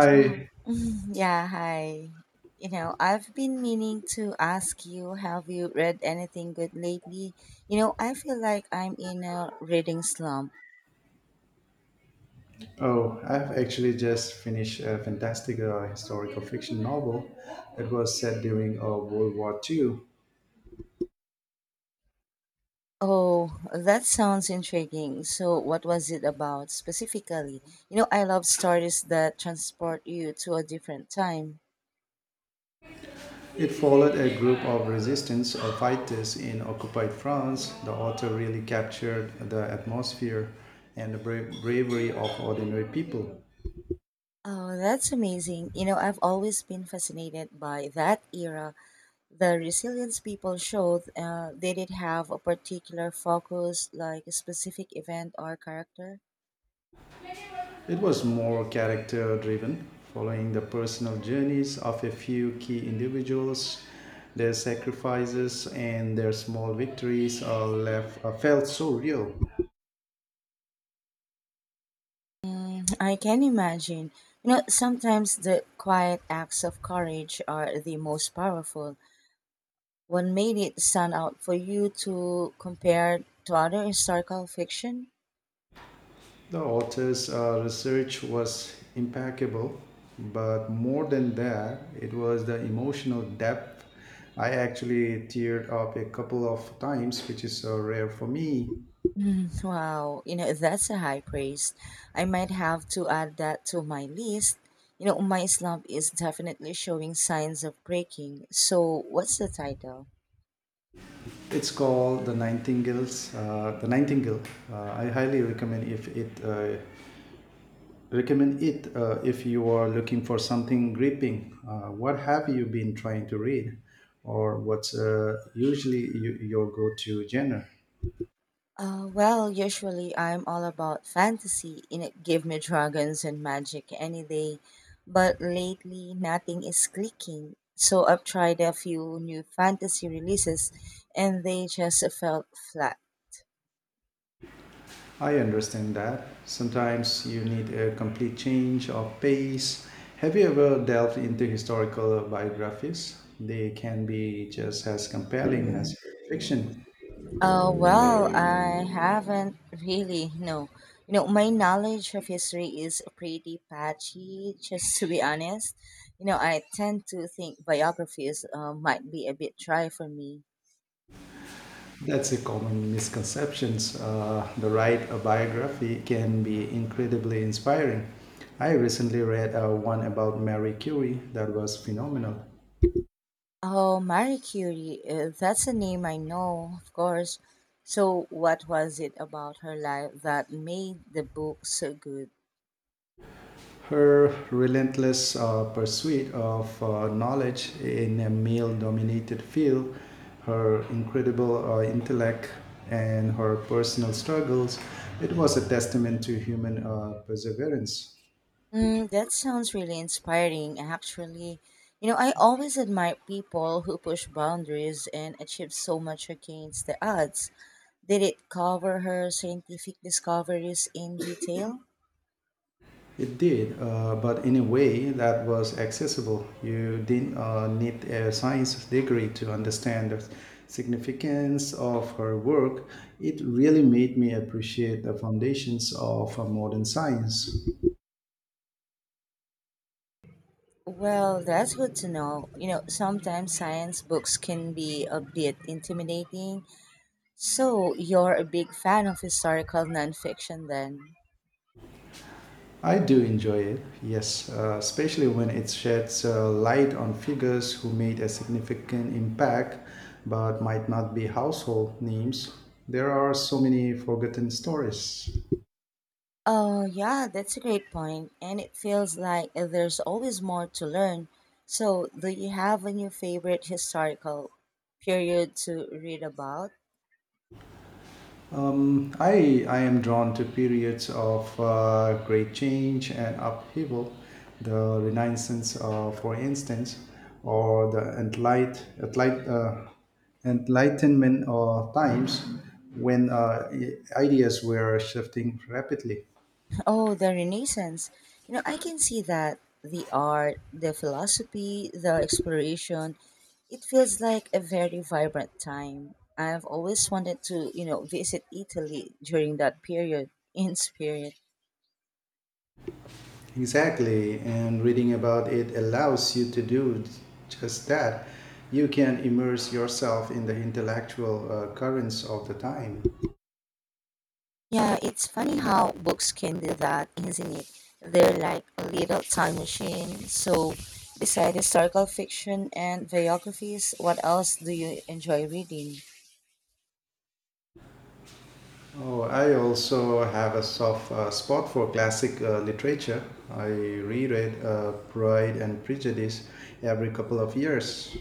So, yeah, hi. You know, I've been meaning to ask you, have you read anything good lately? You know, I feel like I'm in a reading slump. Oh, I've actually just finished a fantastic historical fiction novel that was set during World War II. Oh, that sounds intriguing. So, what was it about specifically? You know, I love stories that transport you to a different time. It followed a group of resistance fighters in occupied France. The author really captured the atmosphere and the bravery of ordinary people. Oh, that's amazing. You know, I've always been fascinated by that era, the resilience people showed. They did have a particular focus, like a specific event or character? It was more character driven, following the personal journeys of a few key individuals. Their sacrifices and their small victories are felt so real. Mm, I can imagine. You know, sometimes the quiet acts of courage are the most powerful. What made it stand out for you to compare to other historical fiction? The author's research was impeccable, but more than that, it was the emotional depth. I actually teared up a couple of times, which is rare for me. Mm, wow, you know, that's a high praise. I might have to add that to my list. You know, my slump is definitely showing signs of breaking. So, what's the title? It's called The Nightingales. The Nightingale. I highly recommend it if you are looking for something gripping. What have you been trying to read, or what's usually your go-to genre? Well, usually I'm all about fantasy. You know, give me dragons and magic any day. But lately, nothing is clicking. So, I've tried a few new fantasy releases and they just felt flat. I understand that sometimes you need a complete change of pace. Have you ever delved into historical biographies? They can be just as compelling as fiction. Well, I haven't really. No, you know, my knowledge of history is pretty patchy. Just to be honest, you know, I tend to think biographies might be a bit dry for me. That's a common misconception. The right a biography can be incredibly inspiring. I recently read one about Marie Curie that was phenomenal. Oh, Marie Curie, that's a name I know, of course. So, what was it about her life that made the book so good? Her relentless pursuit of knowledge in a male-dominated field, her incredible intellect, and her personal struggles, it was a testament to human perseverance. Mm, that sounds really inspiring, actually. You know, I always admire people who push boundaries and achieve so much against the odds. Did it cover her scientific discoveries in detail? It did, but in a way that was accessible. You didn't need a science degree to understand the significance of her work. It really made me appreciate the foundations of modern science. Well, that's good to know. You know, sometimes science books can be a bit intimidating. So, you're a big fan of historical nonfiction then? I do enjoy it, yes, especially when it sheds light on figures who made a significant impact but might not be household names. There are so many forgotten stories. Oh, yeah, that's a great point. And it feels like there's always more to learn. So, do you have a new favorite historical period to read about? I am drawn to periods of great change and upheaval, the Renaissance, for instance, or the Enlightenment times when ideas were shifting rapidly. Oh, the Renaissance. You know, I can see that, the art, the philosophy, the exploration, it feels like a very vibrant time. I've always wanted to, you know, visit Italy during that period in spirit. Exactly, and reading about it allows you to do just that. You can immerse yourself in the intellectual currents of the time. Yeah, it's funny how books can do that, isn't it? They're like a little time machine. So, besides historical fiction and biographies, what else do you enjoy reading? Oh, I also have a soft spot for classic literature. I reread Pride and Prejudice every couple of years.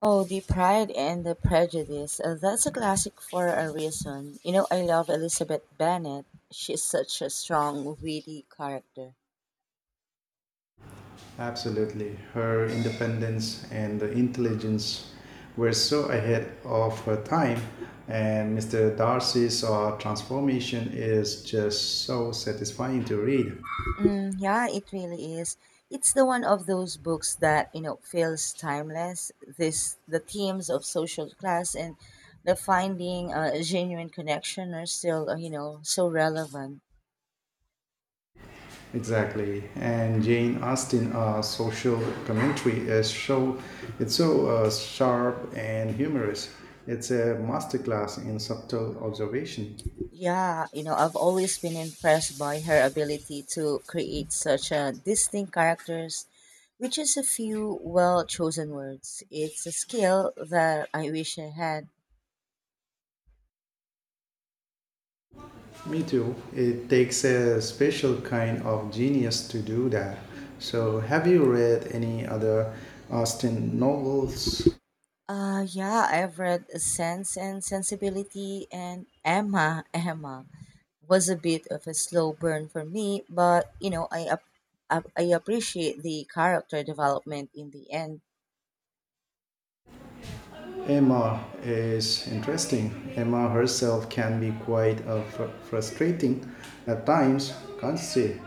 Oh, The Pride and the Prejudice. That's a classic for a reason. You know, I love Elizabeth Bennet. She's such a strong, witty character. Absolutely. Her independence and intelligence were so ahead of her time, and Mr. Darcy's transformation is just so satisfying to read. Mm, yeah, it really is. It's the one of those books that, you know, feels timeless. This the themes of social class and the finding a genuine connection are still, you know, so relevant. Exactly, and Jane Austen social commentary is so sharp and humorous. It's a masterclass in subtle observation. Yeah, you know, I've always been impressed by her ability to create such a distinct characters, which is a few well chosen words. It's a skill that I wish I had. Me too. It takes a special kind of genius to do that. So, have you read any other Austen novels? Yeah, I've read Sense and Sensibility, and Emma. Emma was a bit of a slow burn for me, but you know, I appreciate the character development in the end. Emma is interesting. Emma herself can be quite frustrating at times, can't she?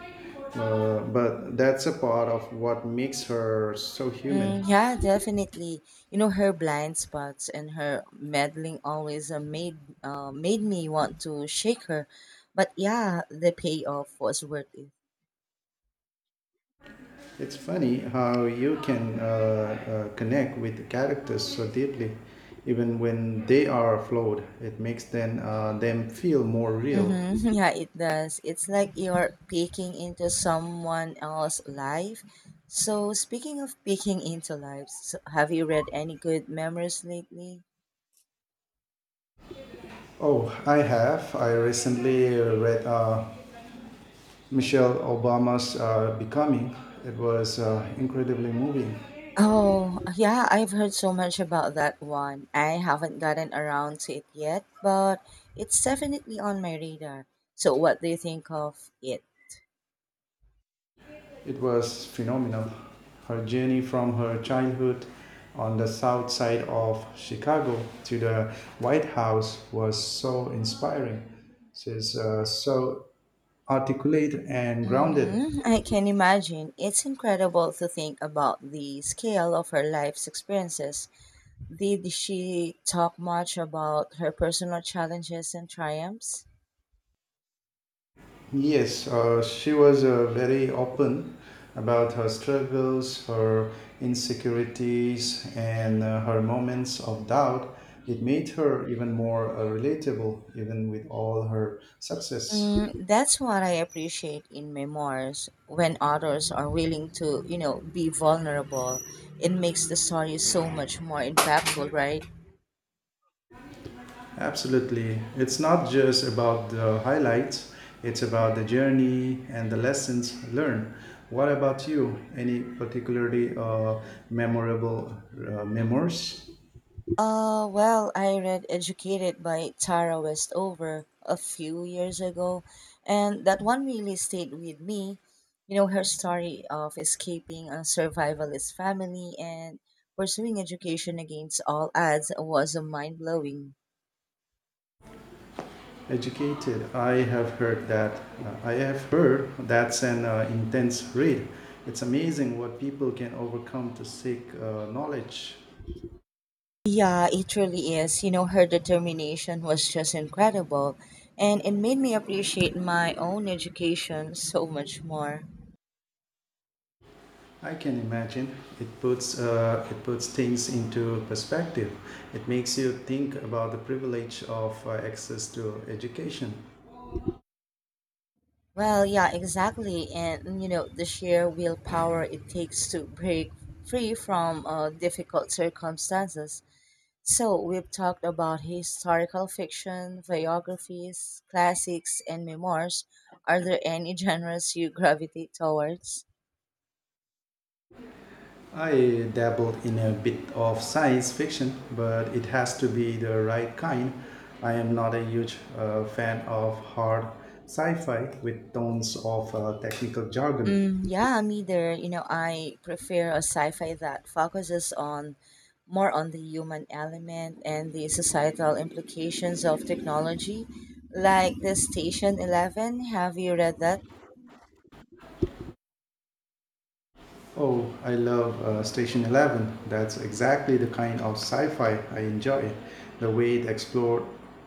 But that's a part of what makes her so human. Mm, yeah, definitely. You know, her blind spots and her meddling always made me want to shake her, but yeah, the payoff was worth it. It's funny how you can connect with characters so deeply, even when they are flawed. It makes them feel more real. Mm-hmm. Yeah, it does. It's like you're peeking into someone else's life. So, speaking of peeking into lives, so have you read any good memoirs lately? Oh, I have. I recently read Michelle Obama's Becoming. It was incredibly moving. Oh, yeah, I've heard so much about that one. I haven't gotten around to it yet, but it's definitely on my radar. So, what do you think of it? It was phenomenal. Her journey from her childhood on the south side of Chicago to the White House was so inspiring. She's so articulate and grounded. Mm-hmm. I can imagine. It's incredible to think about the scale of her life's experiences. Did she talk much about her personal challenges and triumphs? Yes, she was very open about her struggles, her insecurities, and her moments of doubt. It made her even more relatable, even with all her success. Mm, that's what I appreciate in memoirs, when authors are willing to, you know, be vulnerable. It makes the story so much more impactful, right? Absolutely. It's not just about the highlights, it's about the journey and the lessons learned. What about you? Any particularly memorable memoirs? Well, I read Educated by Tara Westover a few years ago, and that one really stayed with me. You know, her story of escaping a survivalist family and pursuing education against all odds was mind blowing. Educated. I have heard that's an intense read. It's amazing what people can overcome to seek knowledge. Yeah, it really is. You know, her determination was just incredible, and it made me appreciate my own education so much more. I can imagine it puts things into perspective. It makes you think about the privilege of access to education. Well, yeah, exactly. And, you know, the sheer willpower it takes to break free from difficult circumstances. So, we've talked about historical fiction, biographies, classics, and memoirs. Are there any genres you gravitate towards? I dabbled in a bit of science fiction, but it has to be the right kind. I am not a huge fan of hard sci-fi with tons of technical jargon. Mm, yeah, me either. You know, I prefer a sci-fi that focuses on more on the human element and the societal implications of technology, like the Station Eleven. Have you read that? Oh, I love Station 11. That's exactly the kind of sci-fi I enjoy. The way it explored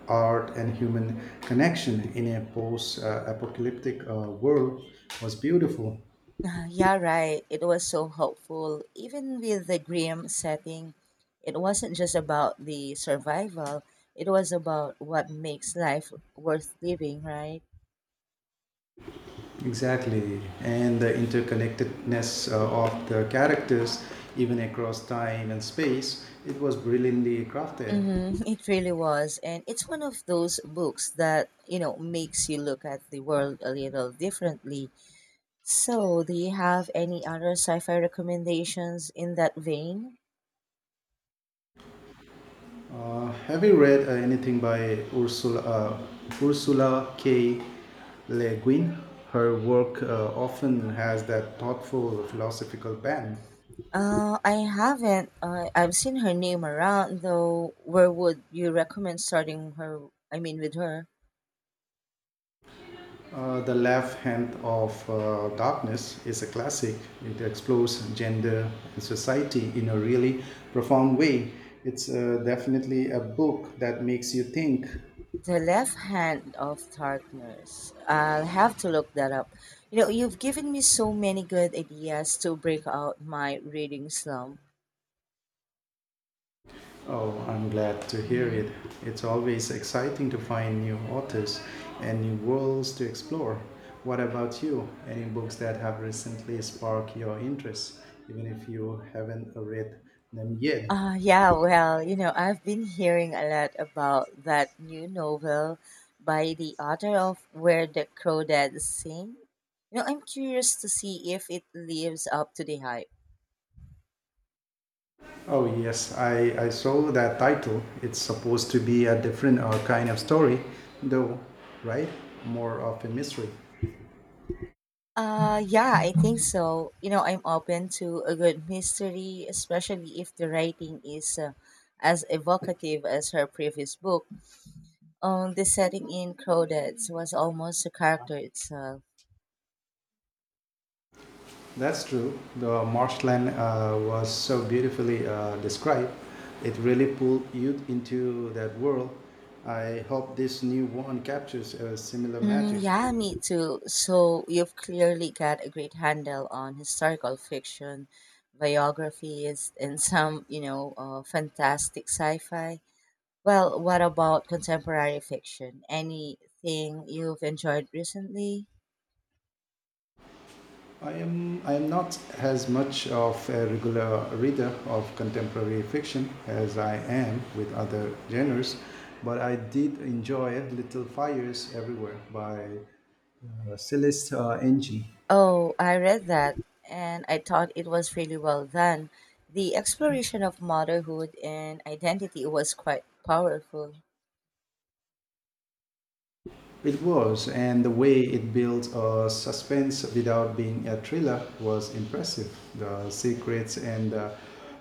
art and human connection in a post-apocalyptic world was beautiful. Ah, yeah, right. It was so hopeful. Even with the grim setting, it wasn't just about the survival. It was about what makes life worth living, right? Exactly, and the interconnectedness of the characters, even across time and space, it was brilliantly crafted. Mm-hmm. It really was. And it's one of those books that, you know, makes you look at the world a little differently. So, do you have any other sci-fi recommendations in that vein? Have you read anything by Ursula K. Le Guin? Her work often has that thoughtful philosophical bent. I haven't. I've seen her name around, though. Where would you recommend starting her? I mean, with her? The Left Hand of Darkness is a classic. It explores gender and society in a really profound way. It's definitely a book that makes you think. The Left Hand of Darkness. I'll have to look that up. You know, you've given me so many good ideas to break out my reading slump. Oh, I'm glad to hear Hmm. it. It's always exciting to find new authors and new worlds to explore. What about you? Any books that have recently sparked your interest, even if you haven't read them yet? Yeah, well, you know, I've been hearing a lot about that new novel by the author of Where the Crawdads Sing. You know, I'm curious to see if it lives up to the hype. Oh, yes, I saw that title. It's supposed to be a different kind of story, though, right? More of a mystery. Yeah, I think so. You know, I'm open to a good mystery, especially if the writing is as evocative as her previous book. The setting in Crawdads was almost a character itself. That's true. The marshland was so beautifully described. It really pulled you into that world. I hope this new one captures a similar magic. Mm, yeah, me too. So you've clearly got a great handle on historical fiction, biographies, and some, you know, fantastic sci-fi. Well, what about contemporary fiction? Anything you've enjoyed recently? I am not as much of a regular reader of contemporary fiction as I am with other genres, but I did enjoy Little Fires Everywhere by Celeste Ng. Oh, I read that, and I thought it was really well done. The exploration of motherhood and identity was quite powerful. It was, and the way it built a suspense without being a thriller was impressive. The secrets and the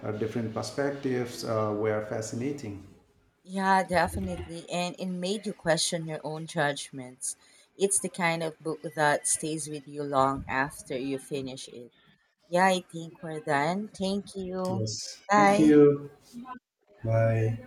different perspectives were fascinating. Yeah, definitely. And it made you question your own judgments. It's the kind of book that stays with you long after you finish it. Yeah, I think we're done. Thank you. Yes. Thank Bye. you. Bye.